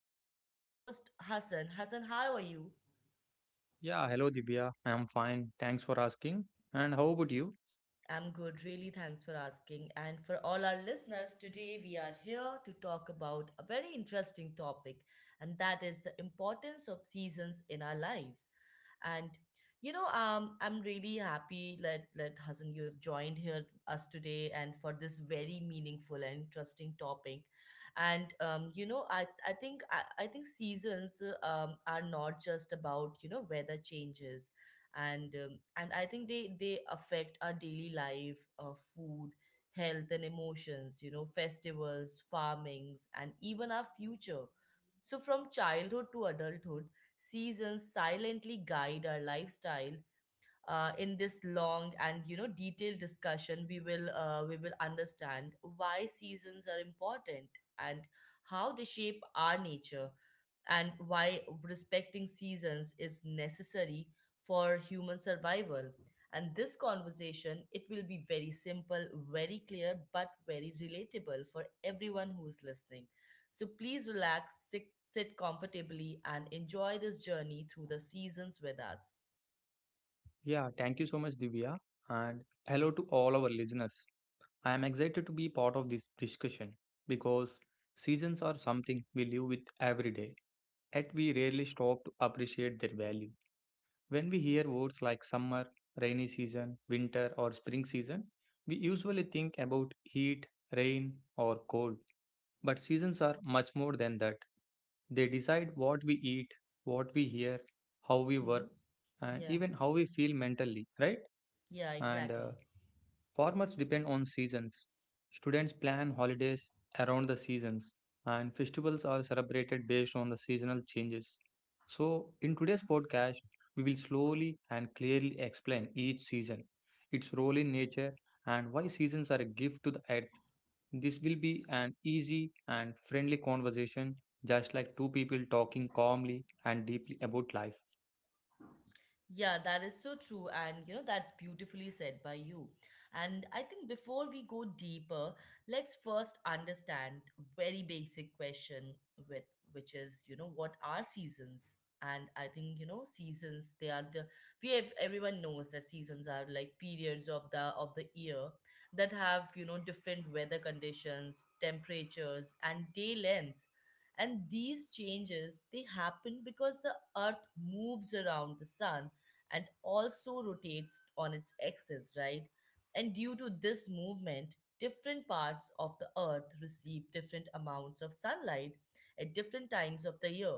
with your co host, Hassan. Hassan, how are you? Yeah, hello Divya. I'm fine. Thanks for asking. And how about you? I'm good, really. Thanks for asking. And for all our listeners, today we are here to talk about a very interesting topic, and that is the importance of seasons in our lives. And I'm really happy that Hassan you have joined here us today, and for this very meaningful and interesting topic. And I think seasons are not just about weather changes, and I think they affect our daily life, food, health, and emotions, festivals, farmings, and even our future. So from childhood to adulthood, seasons silently guide our lifestyle. In this long and detailed discussion, we will understand why seasons are important, and how they shape our nature, and why respecting seasons is necessary for human survival. And this conversation, it will be very simple, very clear, but very relatable for everyone who's listening. So please relax, sit comfortably, and enjoy this journey through the seasons with us. Yeah, thank you so much, Divya. And hello to all our listeners. I am excited to be part of this discussion because seasons are something we live with every day, yet we rarely stop to appreciate their value. When we hear words like summer, rainy season, winter, or spring season, we usually think about heat, rain, or cold. But seasons are much more than that. They decide what we eat, what we hear, how we work, Mhm. and Yeah, even how we feel mentally, right? yeah, And exactly. farmers depend on seasons. Students plan holidays around the seasons, and festivals are celebrated based on the seasonal changes. So, in today's podcast, we will slowly and clearly explain each season, its role in nature, and why seasons are a gift to the earth. This will be an easy and friendly conversation, just like two people talking calmly and deeply about life. Yeah, that is so true. And, that's beautifully said by you. And I think before we go deeper, let's first understand very basic question with which is, what are seasons? And I think, seasons, they are the we have everyone knows that seasons are like periods of the year that have, different weather conditions, temperatures, and day lengths, and these changes, they happen because the earth moves around the sun, and also rotates on its axis, right? And due to this movement, different parts of the earth receive different amounts of sunlight at different times of the year.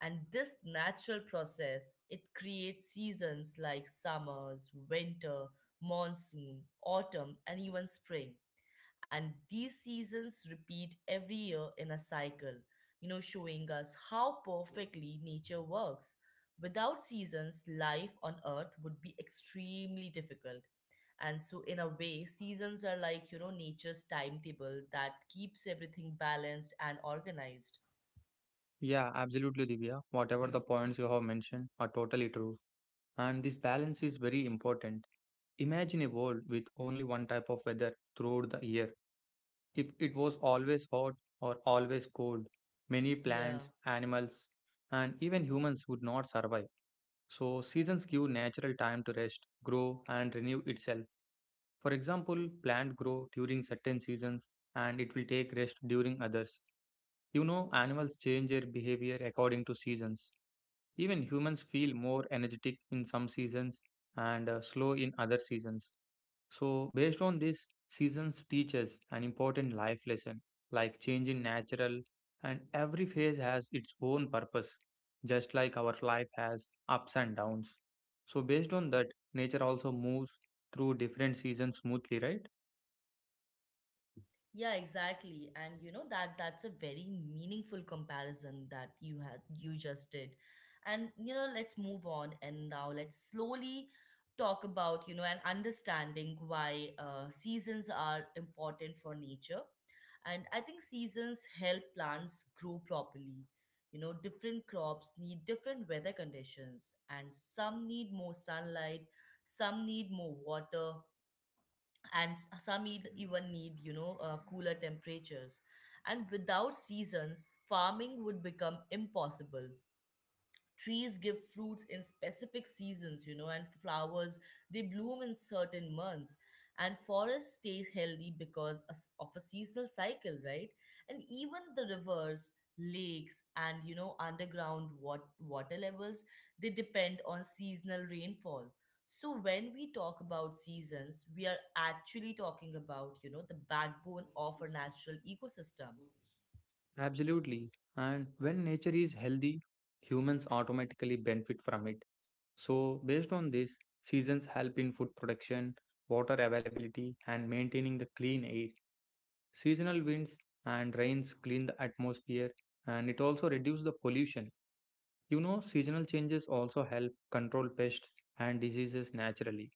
And this natural process, it creates seasons like summers, winter, monsoon, autumn, and even spring. And these seasons repeat every year in a cycle, showing us how perfectly nature works. Without seasons, life on earth would be extremely difficult. And so, in a way, seasons are like, nature's timetable that keeps everything balanced and organized. Yeah, absolutely, Divya. Whatever the points you have mentioned are totally true. And this balance is very important. Imagine a world with only one type of weather throughout the year. If it was always hot or always cold, many Yeah. plants, animals, and even humans would not survive. So, seasons give natural time to rest, grow, and renew itself. For example, plants grow during certain seasons and it will take rest during others. You know, animals change their behavior according to seasons. Even humans feel more energetic in some seasons and slow in other seasons. So, based on this, seasons teach us an important life lesson like change in natural and every phase has its own purpose just like our life has ups and downs. So based on that, nature also moves through different seasons smoothly, right? Yeah, exactly. And you know that that's a very meaningful comparison that you just did. And let's move on, and now let's slowly talk about, you know, and understanding why seasons are important for nature. And I think seasons help plants grow properly. Different crops need different weather conditions, and some need more sunlight, some need more water, and some even need cooler temperatures. And without seasons, farming would become impossible. Trees give fruits in specific seasons, and flowers, they bloom in certain months, and forests stay healthy because of a seasonal cycle, right? And even the rivers, lakes, and underground water levels, they depend on seasonal rainfall. So when we talk about seasons, we are actually talking about, the backbone of our natural ecosystem. Absolutely. And when nature is healthy, humans automatically benefit from it. So, based on this, seasons help in food production, water availability, and maintaining the clean air. Seasonal winds and rains clean the atmosphere and it also reduces the pollution. You know, seasonal changes also help control pests and diseases naturally.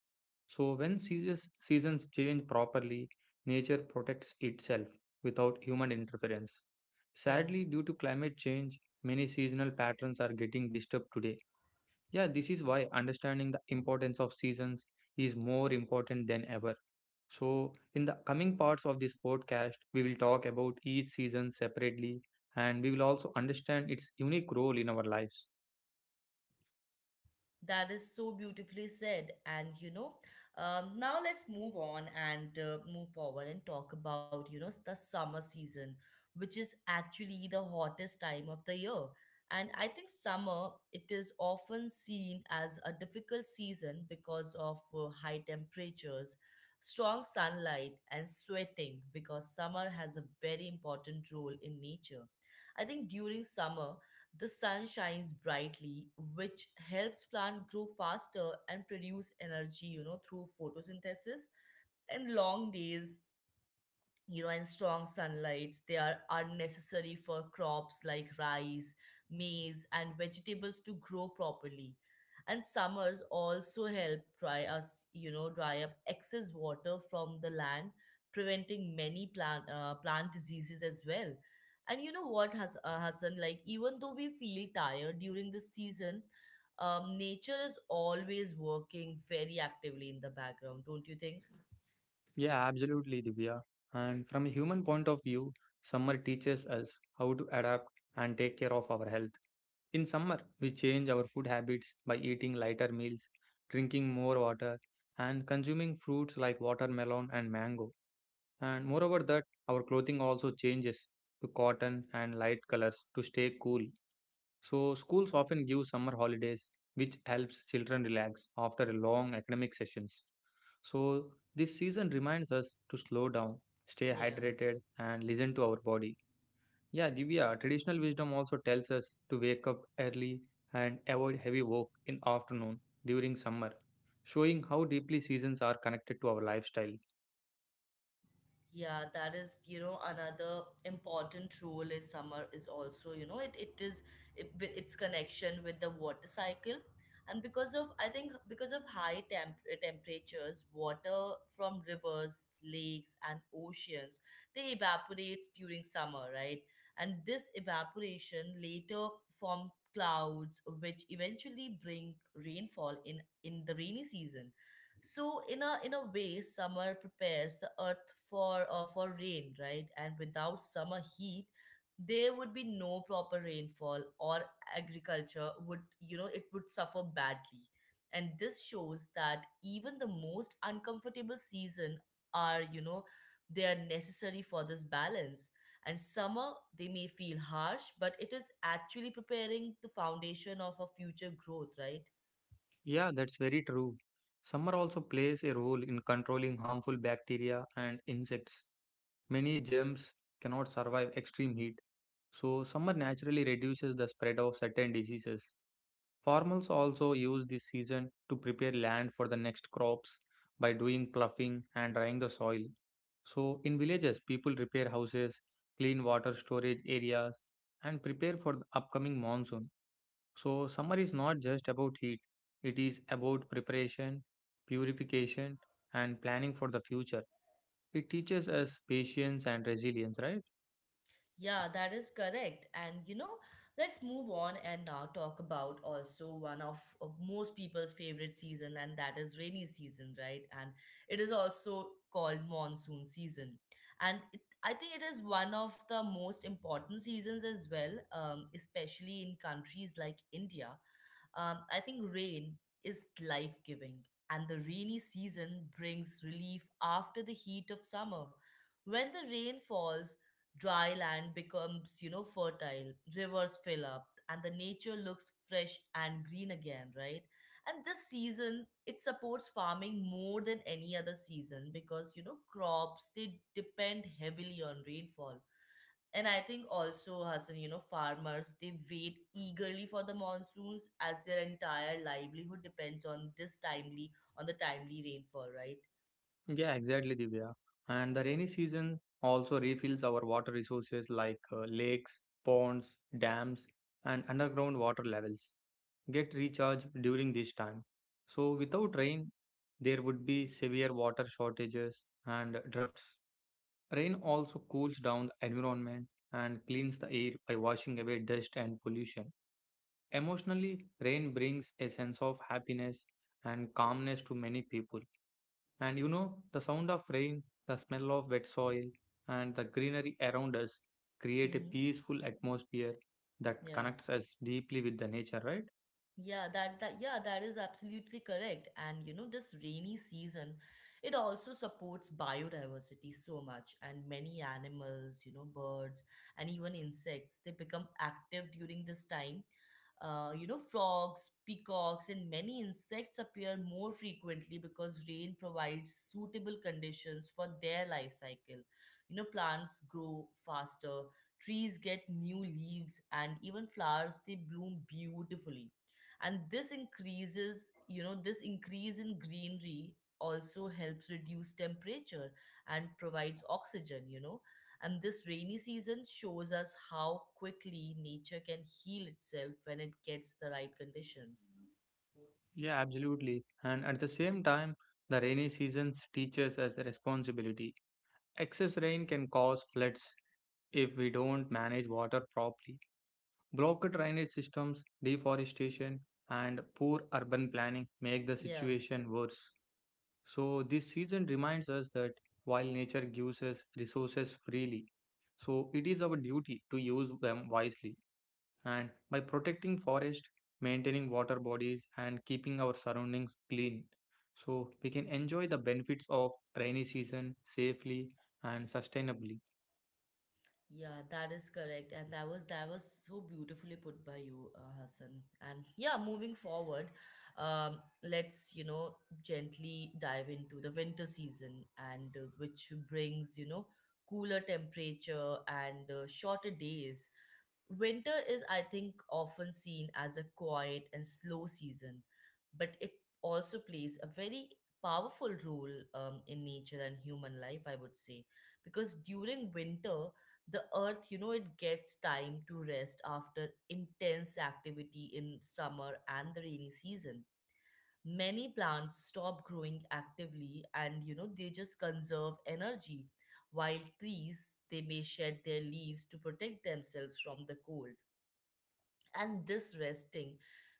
So, when seasons change properly, nature protects itself without human interference. Yeah. Sadly, due to climate change, many seasonal patterns are getting disturbed today. Yeah, this is why understanding the importance of seasons is more important than ever. So, in the coming parts of this podcast, we will talk about each season separately and we will also understand its unique role in our lives. That is so beautifully said. And now let's move on, and move forward, and talk about, the summer season, which is actually the hottest time of the year. And I think summer, it is often seen as a difficult season because of high temperatures, strong sunlight, and sweating, because summer has a very important role in nature. I think during summer, the sun shines brightly, which helps plant grow faster and produce energy, through photosynthesis. And long days, and strong sunlights, are necessary for crops like rice, maize, and vegetables to grow properly. And summers also help dry us you know dry up excess water from the land, preventing many plant diseases as well. And you know, what has Hassan, like even though we feel tired during the season, nature is always working very actively in the background, don't you think? Yeah, absolutely, Divya. And from a human point of view, summer teaches us how to adapt and take care of our health. In summer, we change our food habits by eating lighter meals, drinking more water, and consuming fruits like watermelon and mango. And moreover, that our clothing also changes to cotton and light colors to stay cool. So, schools often give summer holidays, which helps children relax after long academic sessions. So, this season reminds us to slow down, stay Yeah. hydrated, and listen to our body. Yeah, Divya, traditional wisdom also tells us to wake up early and avoid heavy work in afternoon during summer, showing how deeply seasons are connected to our lifestyle. Yeah, that is, another important role is summer is also, with its connection with the water cycle. And because of, I think, because of high temperatures, water from rivers, lakes, and oceans, they evaporates during summer, right? And this evaporation later form clouds, which eventually bring rainfall in the rainy season. So in a way, summer prepares the earth for rain, right? And without summer heat, there would be no proper rainfall, or agriculture would you know it would suffer badly. And this shows that even the most uncomfortable season are you know they are necessary for this balance. And summer, they may feel harsh, but it is actually preparing the foundation of a future growth, right? Yeah, that's very true. Summer also plays a role in controlling harmful bacteria and insects. Many germs cannot survive extreme heat, so summer naturally reduces the spread of certain diseases. Farmers also use this season to prepare land for the next crops by doing ploughing and drying the soil. So, in villages, people repair houses, clean water storage areas, and prepare for the upcoming monsoon. So, summer is not just about heat, it is about preparation, purification, and planning for the future. It teaches us patience and resilience, right? Yeah, that is correct. And let's move on, and now talk about also one of most people's favorite season, and that is rainy season, right? And it is also called monsoon season. And I think it is one of the most important seasons as well, especially in countries like India. I think rain is life giving, and the rainy season brings relief after the heat of summer. When the rain falls, dry land becomes, fertile, rivers fill up, and the nature looks fresh and green again, right? And this season, it supports farming more than any other season, because, crops, they depend heavily on rainfall. And I think also, Hassan, farmers, they wait eagerly for the monsoons as their entire livelihood depends on the timely rainfall, right? Yeah, exactly, Divya. And the rainy season also refills our water resources like lakes, ponds, dams, and underground water levels get recharged during this time. So, without rain, there would be severe water shortages and droughts. Rain also cools down the environment and cleans the air by washing away dust and pollution. Emotionally, rain brings a sense of happiness and calmness to many people and you know, the sound of rain, the smell of wet soil, and the greenery around us create a Hmm. peaceful atmosphere that Yeah. connects us deeply with the nature, right? Yeah, that is absolutely correct. And this rainy season, it also supports biodiversity so much. And many animals, birds and even insects, they become active during this time. Frogs, peacocks, and many insects appear more frequently because rain provides suitable conditions for their life cycle. Plants grow faster, trees get new leaves, and even flowers, they bloom beautifully. And this increase in greenery also helps reduce temperature and provides oxygen. And this rainy season shows us how quickly nature can heal itself when it gets the right conditions. Yeah, absolutely. And at the same time, the rainy seasons teaches us responsibility. Excess rain can cause floods if we don't manage water properly. Blocked drainage systems, deforestation, and poor urban planning make the Yeah. situation worse. So, this season reminds us that while nature gives us resources freely, so it is our duty to use them wisely. And by protecting forest, maintaining water bodies, and keeping our surroundings clean, so we can enjoy the benefits of rainy season safely and sustainably. Yeah, that is correct, and that was so beautifully put by you, Hassan. And yeah, moving forward, um, let's gently dive into the winter season, and which brings cooler temperature and shorter days. Winter is, I think, often seen as a quiet and slow season, but it also plays a very powerful role in nature and human life, I would say. Because during winter, the earth, it gets time to rest after intense activity in summer and the rainy season. Many plants stop growing actively, and, they just conserve energy, while trees, they may shed their leaves to protect themselves from the cold. And this resting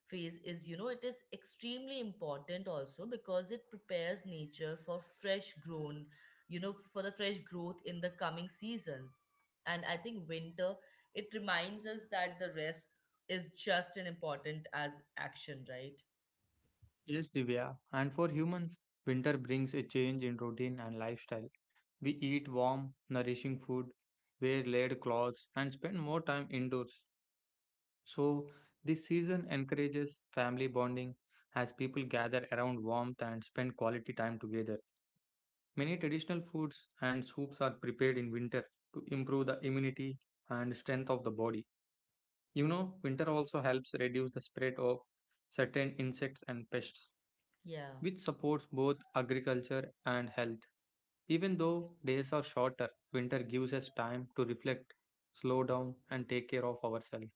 phase is you know it is extremely important also because it prepares nature for fresh grown you know for the fresh growth in the coming seasons. And I think winter, it reminds us that the rest is just as important as action, right? Yes, Divya. And for humans, winter brings a change in routine and lifestyle. We eat warm, nourishing food, wear layered clothes, and spend more time indoors. So, this season encourages family bonding as people gather around warmth and spend quality time together. Many traditional foods and soups are prepared in winter to improve the immunity and strength of the body. You know, winter also helps reduce the spread of certain insects and pests, Yeah. which supports both agriculture and health. Even though days are shorter, winter gives us time to reflect, slow down, and take care of ourselves.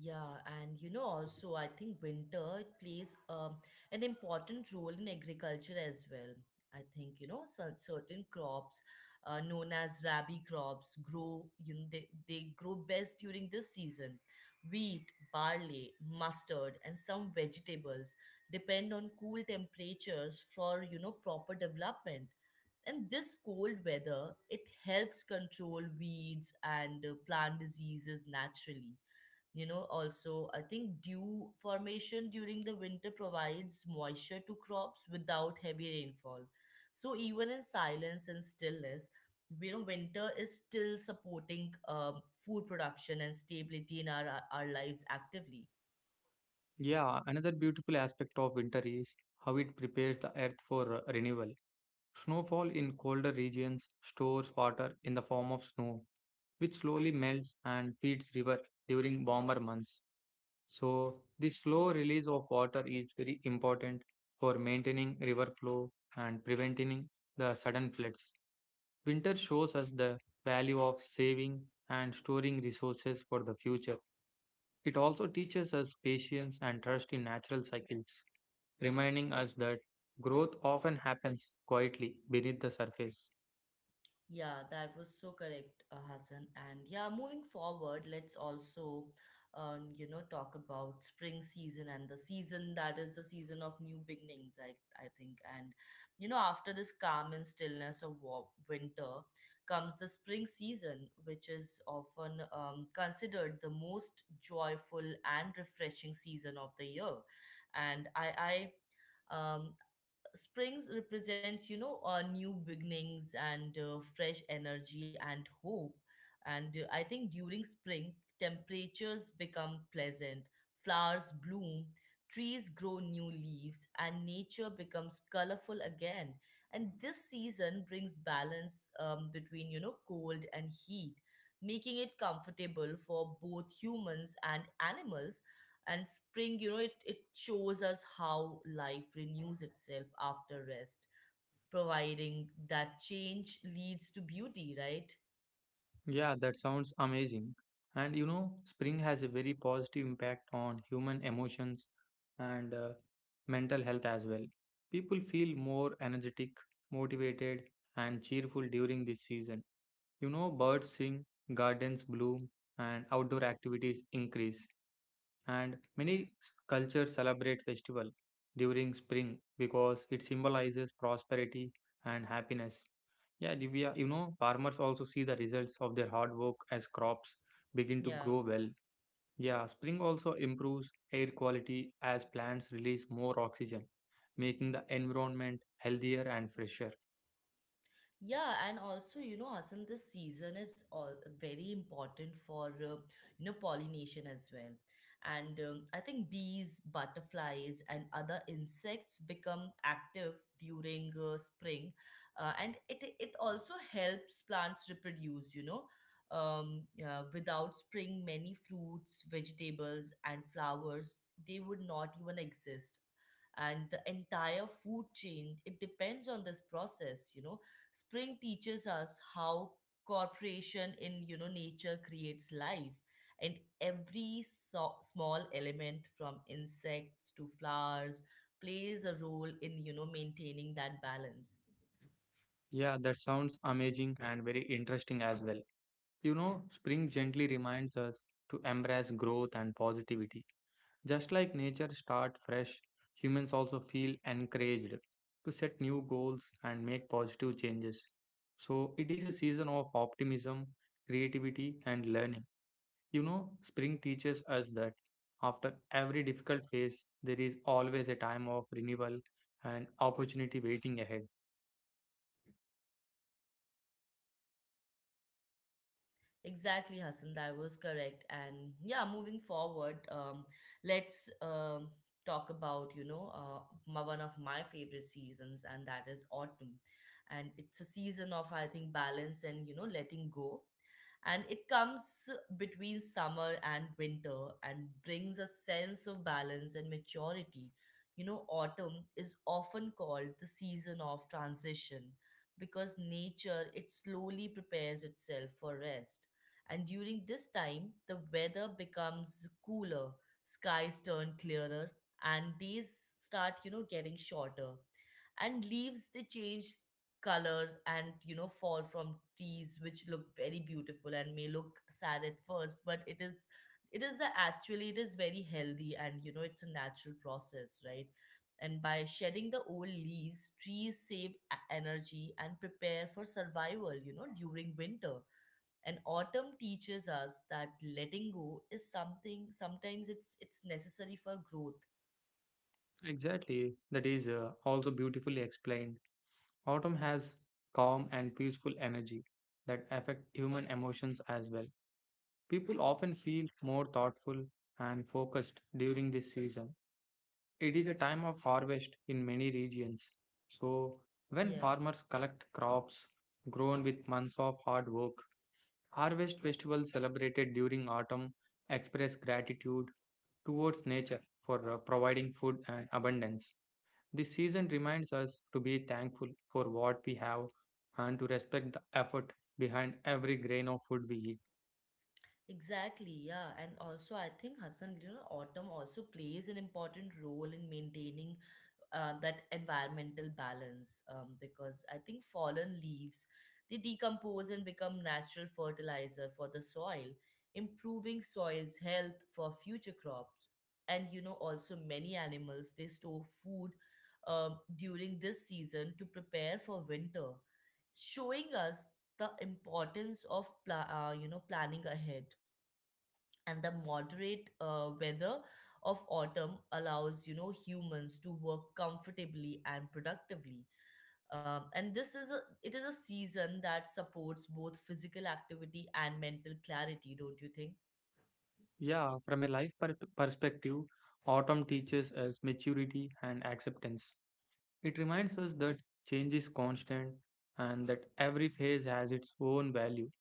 Yeah, and also, I think winter plays an important role in agriculture as well. I think, certain crops known as rabi crops grow, they grow best during this season. Wheat, barley, mustard, and some vegetables depend on cool temperatures for, proper development. And this cold weather, it helps control weeds and plant diseases naturally. Also, I think dew formation during the winter provides moisture to crops without heavy rainfall. So even in silence and stillness, winter is still supporting food production and stability in our lives actively. Yeah, another beautiful aspect of winter is how it prepares the earth for renewal. Snowfall in colder regions stores water in the form of snow, which slowly melts and feeds river during warmer months. So, the slow release of water is very important for maintaining river flow and preventing the sudden floods. Winter shows us the value of saving and storing resources for the future. It also teaches us patience and trust in natural cycles, reminding us that growth often happens quietly beneath the surface. Yeah, that was so correct, Hassan. And yeah, moving forward, let's also, talk about spring season and the season that is the season of new beginnings, I think. And, after this calm and stillness of winter comes the spring season, which is often considered the most joyful and refreshing season of the year. And I, um, Springs represents, new beginnings and fresh energy and hope. And I think during spring, temperatures become pleasant, flowers bloom, trees grow new leaves, and nature becomes colorful again. And this season brings balance between, cold and heat, making it comfortable for both humans and animals. And spring, it shows us how life renews itself after rest, providing that change leads to beauty, right? Yeah, that sounds amazing. And you know, spring has a very positive impact on human emotions and mental health as well. People feel more energetic, motivated, and cheerful during this season. You know, birds sing, gardens bloom, and outdoor activities increase. And many cultures celebrate festival during spring because it symbolizes prosperity and happiness. Yeah, Divya, you know, farmers also see the results of their hard work as crops begin to Yeah. grow well. Yeah, spring also improves air quality as plants release more oxygen, making the environment healthier and fresher. Yeah, and also, Asan, this season is all very important for, pollination as well. And I think bees, butterflies, and other insects become active during spring. And it also helps plants reproduce. Yeah, without spring, many fruits, vegetables, and flowers, they would not even exist. And the entire food chain, it depends on this process. Spring teaches us how cooperation in nature creates life, and every small element from insects to flowers plays a role in maintaining that balance. Yeah, that sounds amazing and very interesting as well. You know, spring gently reminds us to embrace growth and positivity. Just like nature starts fresh, humans also feel encouraged to set new goals and make positive changes. So it is a season of optimism, creativity, and learning. You know, spring teaches us that after every difficult phase, there is always a time of renewal and opportunity waiting ahead. Exactly, Hassan, that was correct. And yeah, moving forward, let's talk about, you know, my, one of my favorite seasons, and that is autumn. And it's a season of, I think, balance and, you know, letting go. And it comes between summer and winter and brings a sense of balance and maturity. You know, autumn is often called the season of transition because nature, it slowly prepares itself for rest, and during this time, the weather becomes cooler, skies turn clearer, and days start, you know, getting shorter. And leaves, they change color and, you know, fall from trees, which look very beautiful and may look sad at first, but it is. It is the actually it is very healthy, and you know it's a natural process, right? And by shedding the old leaves, trees save energy and prepare for survival, you know, during winter. And autumn teaches us that letting go is something, sometimes it's necessary for growth. Exactly, that is also beautifully explained. Autumn has calm and peaceful energy that affect human emotions as well. People often feel more thoughtful and focused during this season. It is a time of harvest in many regions. So, when Yeah. farmers collect crops grown with months of hard work, harvest festivals celebrated during autumn express gratitude towards nature for providing food and abundance. This season reminds us to be thankful for what we have and to respect the effort behind every grain of food we eat. Exactly, yeah. And also, I think, Hassan, you know, autumn also plays an important role in maintaining that environmental balance, because I think fallen leaves, they decompose and become natural fertilizer for the soil, improving soil's health for future crops. And you know, also many animals, they store food during this season to prepare for winter, showing us the importance of you know, planning ahead. And the moderate weather of autumn allows, you know, humans to work comfortably and productively, and this is a it is a season that supports both physical activity and mental clarity, don't you think? Yeah, from a life perspective, autumn teaches us maturity and acceptance. It reminds us that change is constant and that every phase has its own value.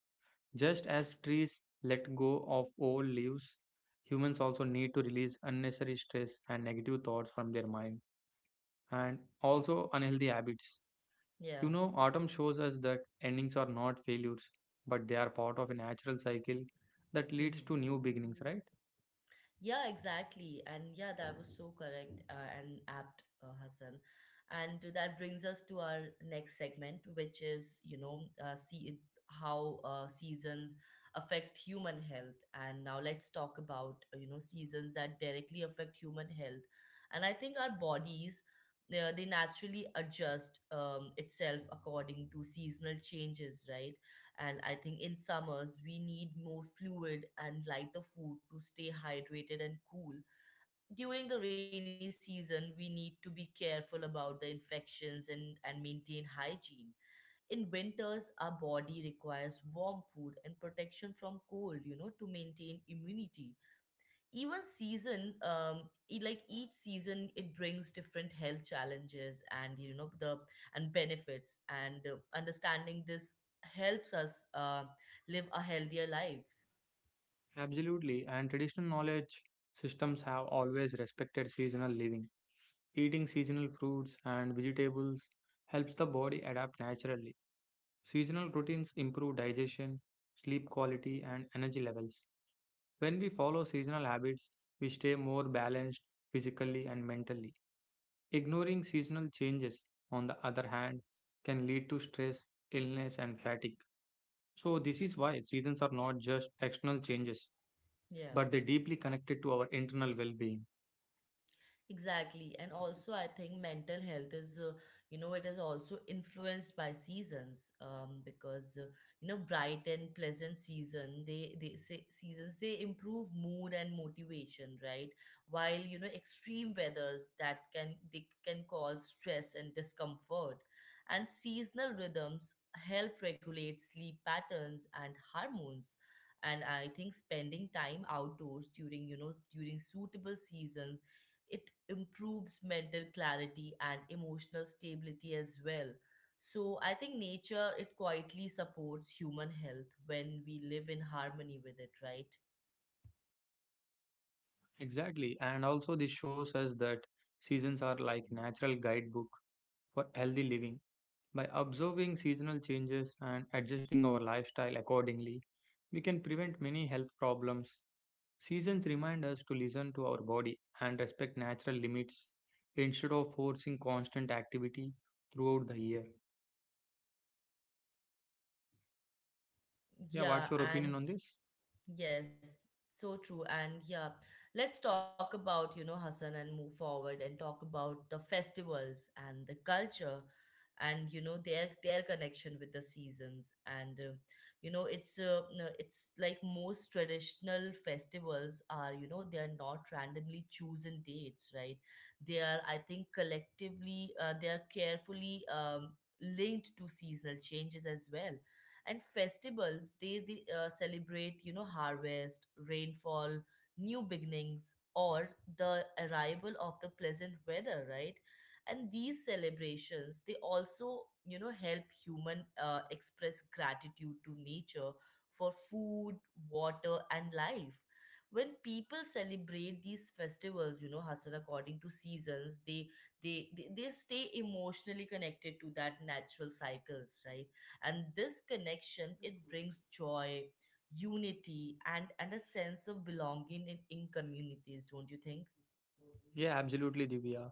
Just as trees let go of old leaves, humans also need to release unnecessary stress and negative thoughts from their mind and also unhealthy habits. Yeah. You know, autumn shows us that endings are not failures, but they are part of a natural cycle that leads Hmm. to new beginnings, right? Yeah, exactly. And yeah, that was so correct and apt, Hassan. And that brings us to our next segment, which is, you know, see how seasons affect human health. And now let's talk about, you know, seasons that directly affect human health. And I think our bodies, they naturally adjust itself according to seasonal changes, right? And I think in summers, we need more fluid and lighter food to stay hydrated and cool. During the rainy season, we need to be careful about the infections, and maintain hygiene. In winters, our body requires warm food and protection from cold, you know, to maintain immunity. Even season, like each season, it brings different health challenges, and you know the and benefits. And understanding this helps us live a healthier lives. Absolutely, and traditional knowledge systems have always respected seasonal living. Eating seasonal fruits and vegetables helps the body adapt naturally. Seasonal routines improve digestion, sleep quality, and energy levels. When we follow seasonal habits, we stay more balanced physically and mentally. Ignoring seasonal changes, on the other hand, can lead to stress, illness, and fatigue. So, this is why seasons are not just external changes Yeah. but they deeply connected to our internal well-being. Exactly. And also, I think mental health is, you know, it is also influenced by seasons, because, you know, bright and pleasant season, they say seasons, they improve mood and motivation, right? While, you know, extreme weathers that can, they can cause stress and discomfort. And seasonal rhythms help regulate sleep patterns and hormones. And I think spending time outdoors during, you know, during suitable seasons, it improves mental clarity and emotional stability as well. So I think nature, it quietly supports human health when we live in harmony with it, right? Exactly, and also this shows us that seasons are like natural guidebook for healthy living. By observing seasonal changes and adjusting our lifestyle accordingly, we can prevent many health problems. Seasons remind us to listen to our body and respect natural limits instead of forcing constant activity throughout the year. Yeah, what's your Yeah, opinion on and this? yes, so true. And yeah, let's talk about, you know, Hassan, and move forward and talk about the festivals and the culture, and you know, their connection with the seasons. And you know, it's no, it's like most traditional festivals are, you know, they are not randomly chosen dates, right? They are, I think, collectively they are carefully linked to seasonal changes as well. And festivals, they celebrate, you know, harvest, rainfall, new beginnings, or the arrival of the pleasant weather, right? And these celebrations, they also, you know, help human express gratitude to nature for food, water, and life. When people celebrate these festivals, you know, Hasan, according to seasons, they stay emotionally connected to that natural cycles, right? And this connection, it brings joy, unity, and a sense of belonging in communities, don't you think? Yeah, absolutely, Divya.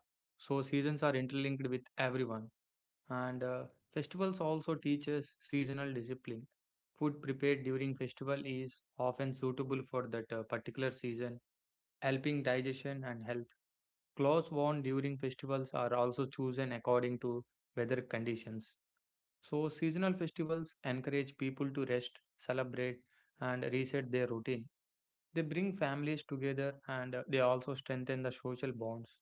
So seasons are interlinked with everyone, and festivals also teach us seasonal discipline. Food prepared during festival is often suitable for that particular season, helping digestion and health. Clothes worn during festivals are also chosen according to weather conditions. So, seasonal festivals encourage people to rest, celebrate, and reset their routine. They bring families together and they also strengthen the social bonds.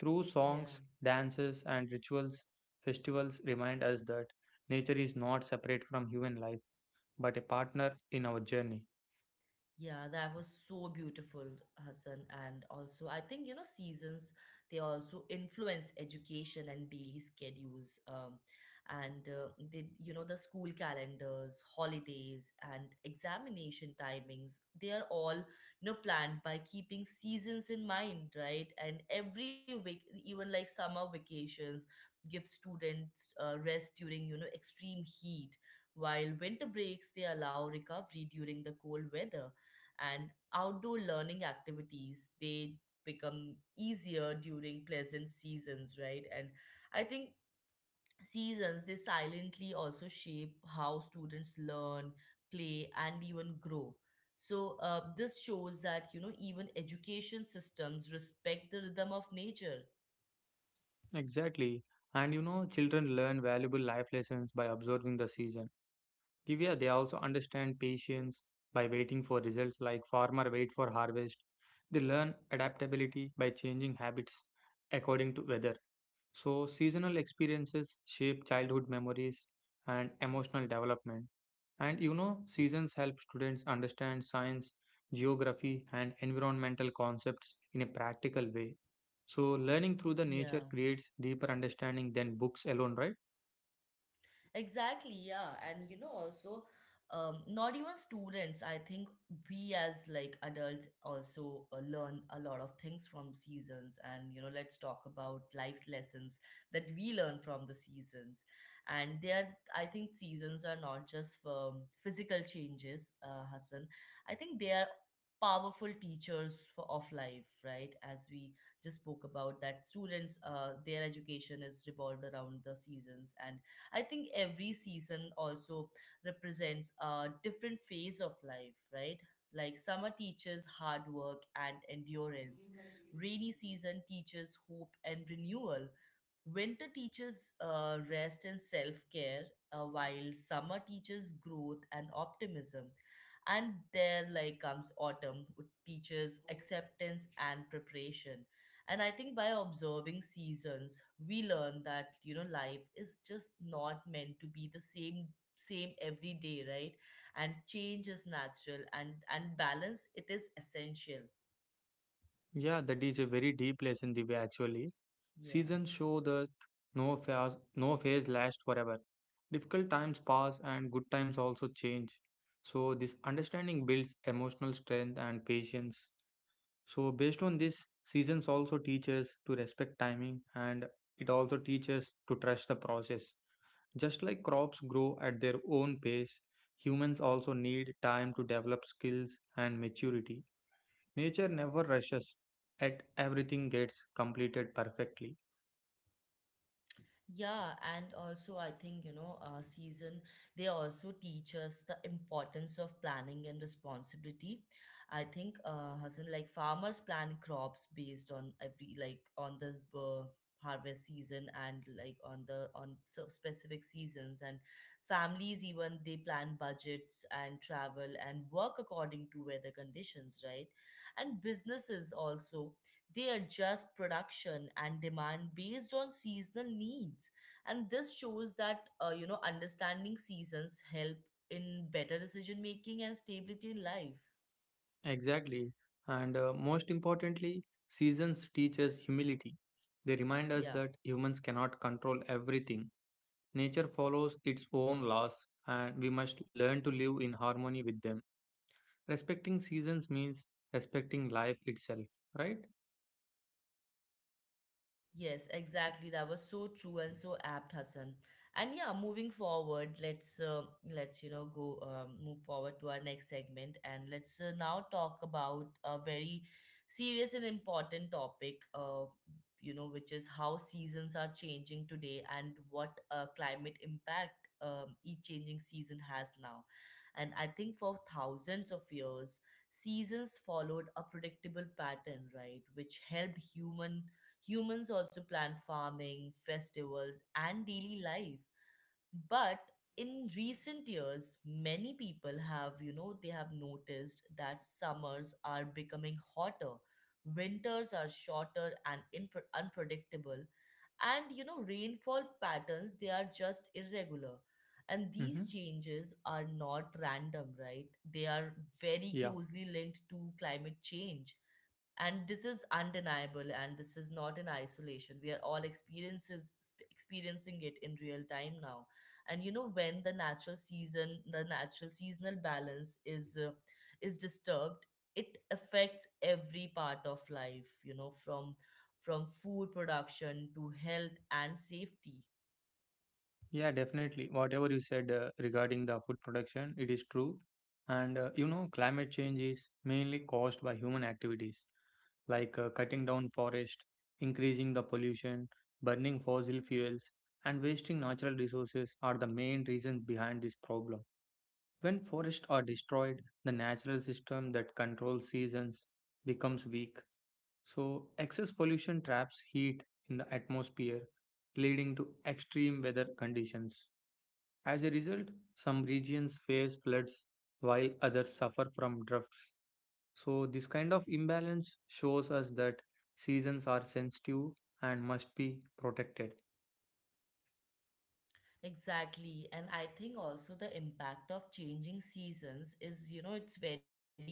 Through Yeah. songs, dances, and rituals, festivals remind us that nature is not separate from human life, but a partner in our journey. Yeah, that was so beautiful, Hassan. And also, I think, you know, seasons, they also influence education and daily schedules. And they, you know, the school calendars, holidays, and examination timings, they are all, you know, planned by keeping seasons in mind, right? And every week, even like summer vacations, give students rest during, you know, extreme heat, while winter breaks, they allow recovery during the cold weather. And outdoor learning activities, they become easier during pleasant seasons, right? And I think seasons, they silently also shape how students learn, play, and even grow. So this shows that, you know, even education systems respect the rhythm of nature. Exactly. And you know, children learn valuable life lessons by observing the season. Divya, they also understand patience by waiting for results like farmer wait for harvest. They learn adaptability by changing habits according to weather. So seasonal experiences shape childhood memories and emotional development. And you know, seasons help students understand science, geography, and environmental concepts in a practical way. So learning through the Yeah. nature creates deeper understanding than books alone, right? Exactly, yeah. And you know, also, not even students, I think we as like adults also learn a lot of things from seasons. And you know, let's talk about life's lessons that we learn from the seasons. And they are, I think, seasons are not just for physical changes, Hassan. I think they are powerful teachers for of life, right? As we just spoke about that students, their education is revolved around the seasons. And I think every season also represents a different phase of life, right? Like summer teaches hard work and endurance. Rainy season teaches hope and renewal. Winter teaches rest and self care, while summer teaches growth and optimism. And there, like, comes autumn, which teaches acceptance and preparation. And I think by observing seasons, we learn that, you know, life is just not meant to be the same every day, right? And change is natural, and balance, it is essential. Yeah, that is a very deep lesson, Divya, actually. Yeah. Seasons show that no phase, no phase lasts forever. Difficult times pass and good times also change. So this understanding builds emotional strength and patience. So, based on this, seasons also teach us to respect timing, and it also teaches us to trust the process. Just like crops grow at their own pace, humans also need time to develop skills and maturity. Nature never rushes, yet everything gets completed perfectly. Yeah, and also I think, you know, season, they also teach us the importance of planning and responsibility. I think, Hassan, like farmers plan crops based on every, like on the harvest season, and like on the, on so specific seasons. And families even, they plan budgets and travel and work according to weather conditions, right? And businesses also, they adjust production and demand based on seasonal needs. And this shows that, you know, understanding seasons help in better decision making and stability in life. Exactly. And most importantly, seasons teach us humility. They remind us Yeah. that humans cannot control everything. Nature follows its own laws, and we must learn to live in harmony with them. Respecting seasons means respecting life itself, right? Yes, exactly. That was so true and so apt, Hassan. And yeah, moving forward, let's, you know, go move forward to our next segment, and let's now talk about a very serious and important topic. You know, which is how seasons are changing today and what climate impact each changing season has now. And I think for thousands of years, seasons followed a predictable pattern, right, which helped humans also plan farming, festivals, and daily life. But in recent years, many people have, you know, they have noticed that summers are becoming hotter, winters are shorter and impre unpredictable, and, you know, rainfall patterns, they are just irregular. And Mm-hmm. these changes are not random, right? They are very Yeah. closely linked to climate change, and this is undeniable, and this is not in isolation. We are all experiencing it in real time now. And you know, when the natural seasonal balance is disturbed, it affects every part of life, you know, from food production to health and safety. Yeah, definitely. Whatever you said regarding the food production, it is true. And you know, climate change is mainly caused by human activities, like cutting down forest, increasing the pollution, burning fossil fuels, and wasting natural resources are the main reasons behind this problem. When forests are destroyed, the natural system that controls seasons becomes weak. So excess pollution traps heat in the atmosphere, leading to extreme weather conditions. As a result, some regions face floods while others suffer from droughts. So this kind of imbalance shows us that seasons are sensitive and must be protected. Exactly. And I think also the impact of changing seasons is, you know, it's very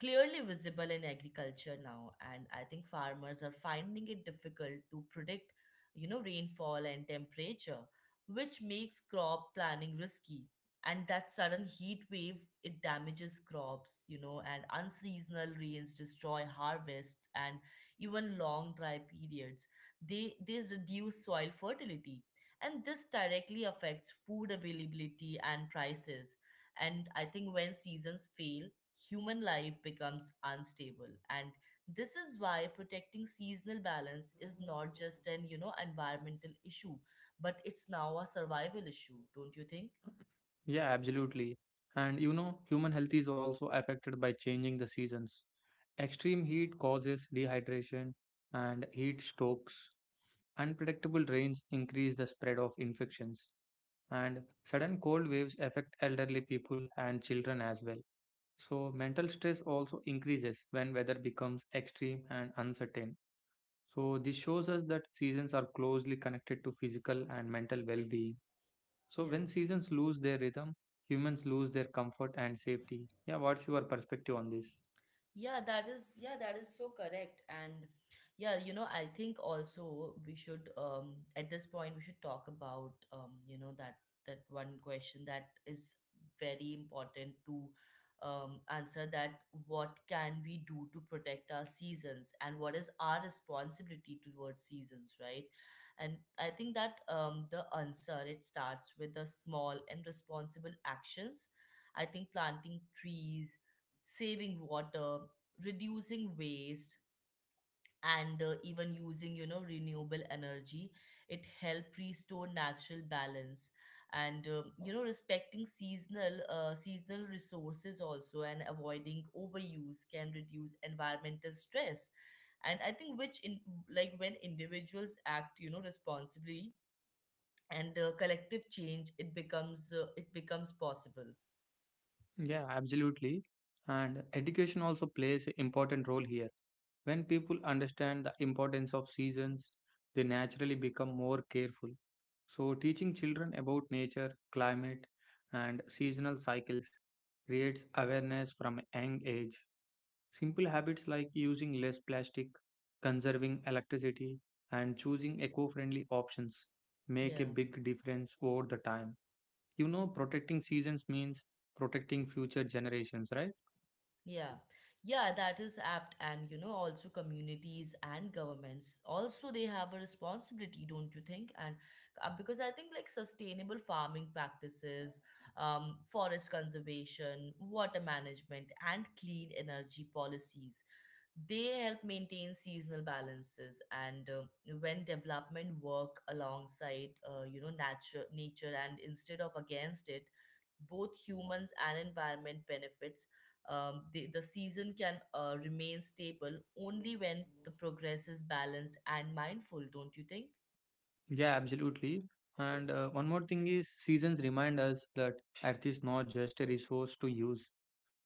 clearly visible in agriculture now. And I think farmers are finding it difficult to predict, you know, rainfall and temperature, which makes crop planning risky. And that sudden heat wave, it damages crops, you know, and unseasonal rains destroy harvests, and even long dry periods, they reduce soil fertility, and this directly affects food availability and prices. And I think when seasons fail, human life becomes unstable. And this is why protecting seasonal balance is not just an, you know, environmental issue, but it's now a survival issue, don't you think? Yeah, absolutely. And you know, human health is also affected by changing the seasons. Extreme heat causes dehydration and heat strokes. Unpredictable rains increase the spread of infections. And sudden cold waves affect elderly people and children as well. So mental stress also increases when weather becomes extreme and uncertain. So this shows us that seasons are closely connected to physical and mental well being. So Yeah. when seasons lose their rhythm, humans lose their comfort and safety. Yeah, what's your perspective on this? Yeah, that is so correct. And yeah, you know, I think also we should at this point we should talk about, you know, that one question that is very important to answer, that what can we do to protect our seasons and what is our responsibility towards seasons, right? And I think that the answer, it starts with the small and responsible actions. I think planting trees, saving water, reducing waste, and even using, you know, renewable energy. It help restore natural balance and respecting seasonal resources also, and avoiding overuse can reduce environmental stress. And I think which in like When individuals act responsibly and collective change it becomes possible. Yeah, absolutely. And education also plays an important role here. When people understand the importance of seasons, they naturally become more careful. So teaching children about nature, climate, and seasonal cycles creates awareness from a young age. Simple habits like using less plastic, conserving electricity, and choosing eco friendly options make a Yeah. big difference over the time. You know, protecting seasons means protecting future generations, right? Yeah, yeah, that is apt. And you know, also communities and governments also, they have a responsibility, don't you think? And because I think like sustainable farming practices, forest conservation, water management, and clean energy policies, they help maintain seasonal balances. And when development work alongside, nature and instead of against it, both humans and environment benefits. The season can remain stable only when the progress is balanced and mindful, don't you think? Yeah, absolutely. And one more thing is, seasons remind us that Earth is not just a resource to use,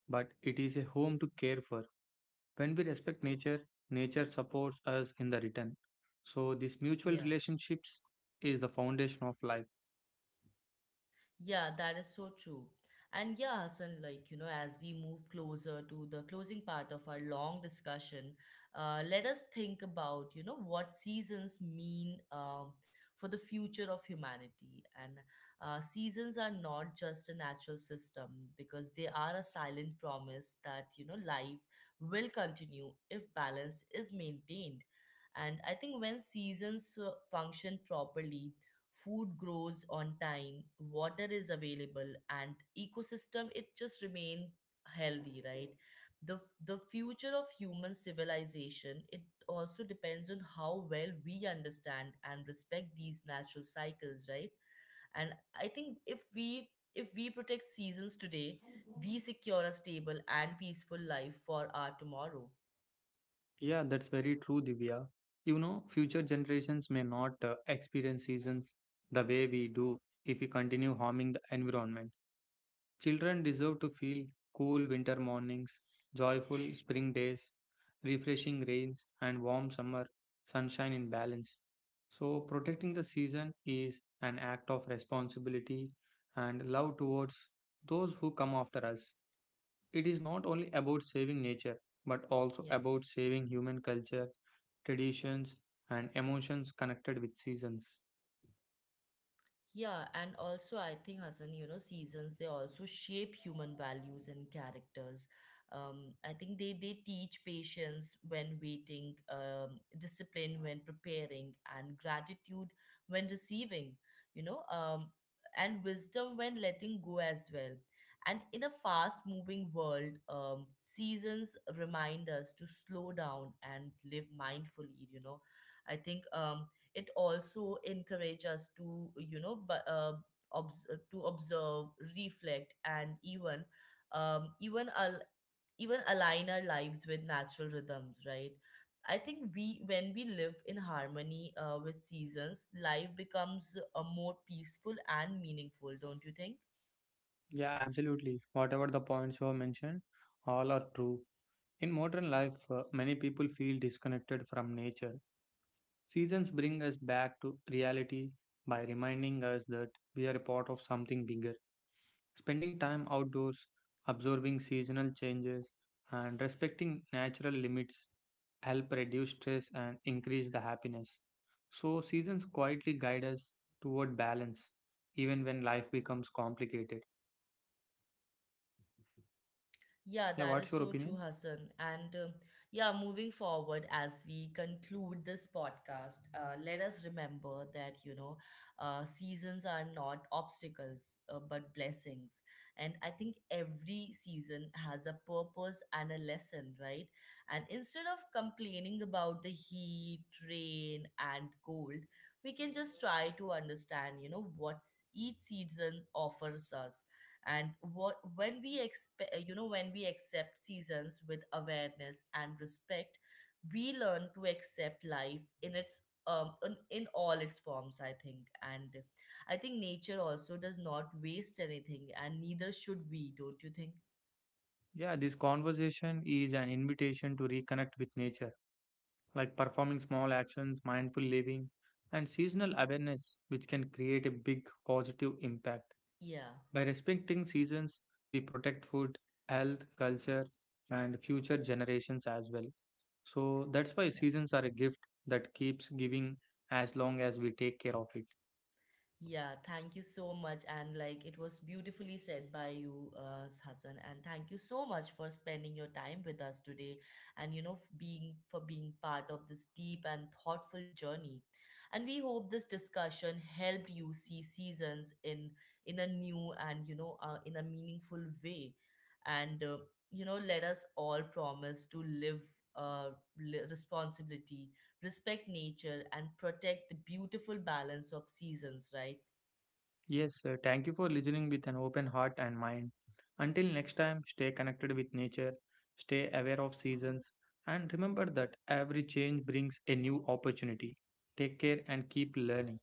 but it is a home to care for. When we respect nature, nature supports us in the return. So this mutual Yeah. relationships is the foundation of life. Yeah, that is so true. And yeah, Hassan, like, you know, as we move closer to the closing part of our long discussion, let us think about, you know, what seasons mean, for the future of humanity. And seasons are not just a natural system, because they are a silent promise that, you know, life will continue if balance is maintained. And I think when seasons function properly, food grows on time, water is available, and ecosystem it just remain healthy, right? The the future of human civilization, it also depends on how well we understand and respect these natural cycles, right? And I think if we protect seasons today, we secure a stable and peaceful life for our tomorrow. Yeah, that's very true, Divya. You know, future generations may not experience seasons the way we do if we continue harming the environment. Children deserve to feel cool winter mornings, joyful spring days, refreshing rains, and warm summer sunshine in balance. So protecting the season is an act of responsibility and love towards those who come after us. It is not only about saving nature, but also Yeah. about saving human culture, traditions, and emotions connected with seasons. Yeah, and also I think Hassan, you know, seasons, they also shape human values and characters. I think they teach patience when waiting, discipline when preparing, and gratitude when receiving. You know, um, and wisdom when letting go as well. And in a fast-moving world, seasons remind us to slow down and live mindfully. I think it also encourages us to, to observe, reflect, and um, even al- even align our lives with natural rhythms, right? I think we when we live in harmony with seasons, life becomes more peaceful and meaningful, don't you think? Yeah, absolutely. Whatever the points you have mentioned, all are true. In modern life, many people feel disconnected from nature. Seasons bring us back to reality by reminding us that we are a part of something bigger. Spending time outdoors, observing seasonal changes, and respecting natural limits help reduce stress and increase the happiness. So seasons quietly guide us toward balance, even when life becomes complicated. Yeah, Yeah, that what's is your so true, opinion? Hassan. And yeah, moving forward as we conclude this podcast, let us remember that, you know, seasons are not obstacles, but blessings. And I think every season has a purpose and a lesson, right? And instead of complaining about the heat, rain, and cold, we can just try to understand, you know, what each season offers us. And what when we expect you know when we accept seasons with awareness and respect, we learn to accept life in its, in all its forms, I think. And I think nature also does not waste anything, and neither should we, don't you think? Yeah, this conversation is an invitation to reconnect with nature, like performing small actions, mindful living, and seasonal awareness, which can create a big positive impact. Yeah. By respecting seasons, we protect food, health, culture, and future generations as well. So that's why Yeah. seasons are a gift that keeps giving as long as we take care of it. Yeah, thank you so much. And like it was beautifully said by you, Hassan. And thank you so much for spending your time with us today, and, you know, f- being for being part of this deep and thoughtful journey. And we hope this discussion helped you see seasons in a new and, you know, in a meaningful way. And, let us all promise to live uh, responsibility, respect nature, and protect the beautiful balance of seasons, right? Yes, sir. Thank you for listening with an open heart and mind. Until next time, stay connected with nature, stay aware of seasons, and remember that every change brings a new opportunity. Take care and keep learning.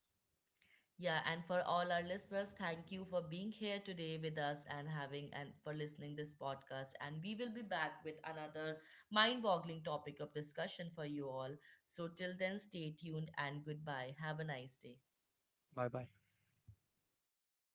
Yeah, and for all our listeners, thank you for being here today with us and having and for listening this podcast. And we will be back with another mind-boggling topic of discussion for you all. So till then, stay tuned and goodbye. Have a nice day. Bye bye.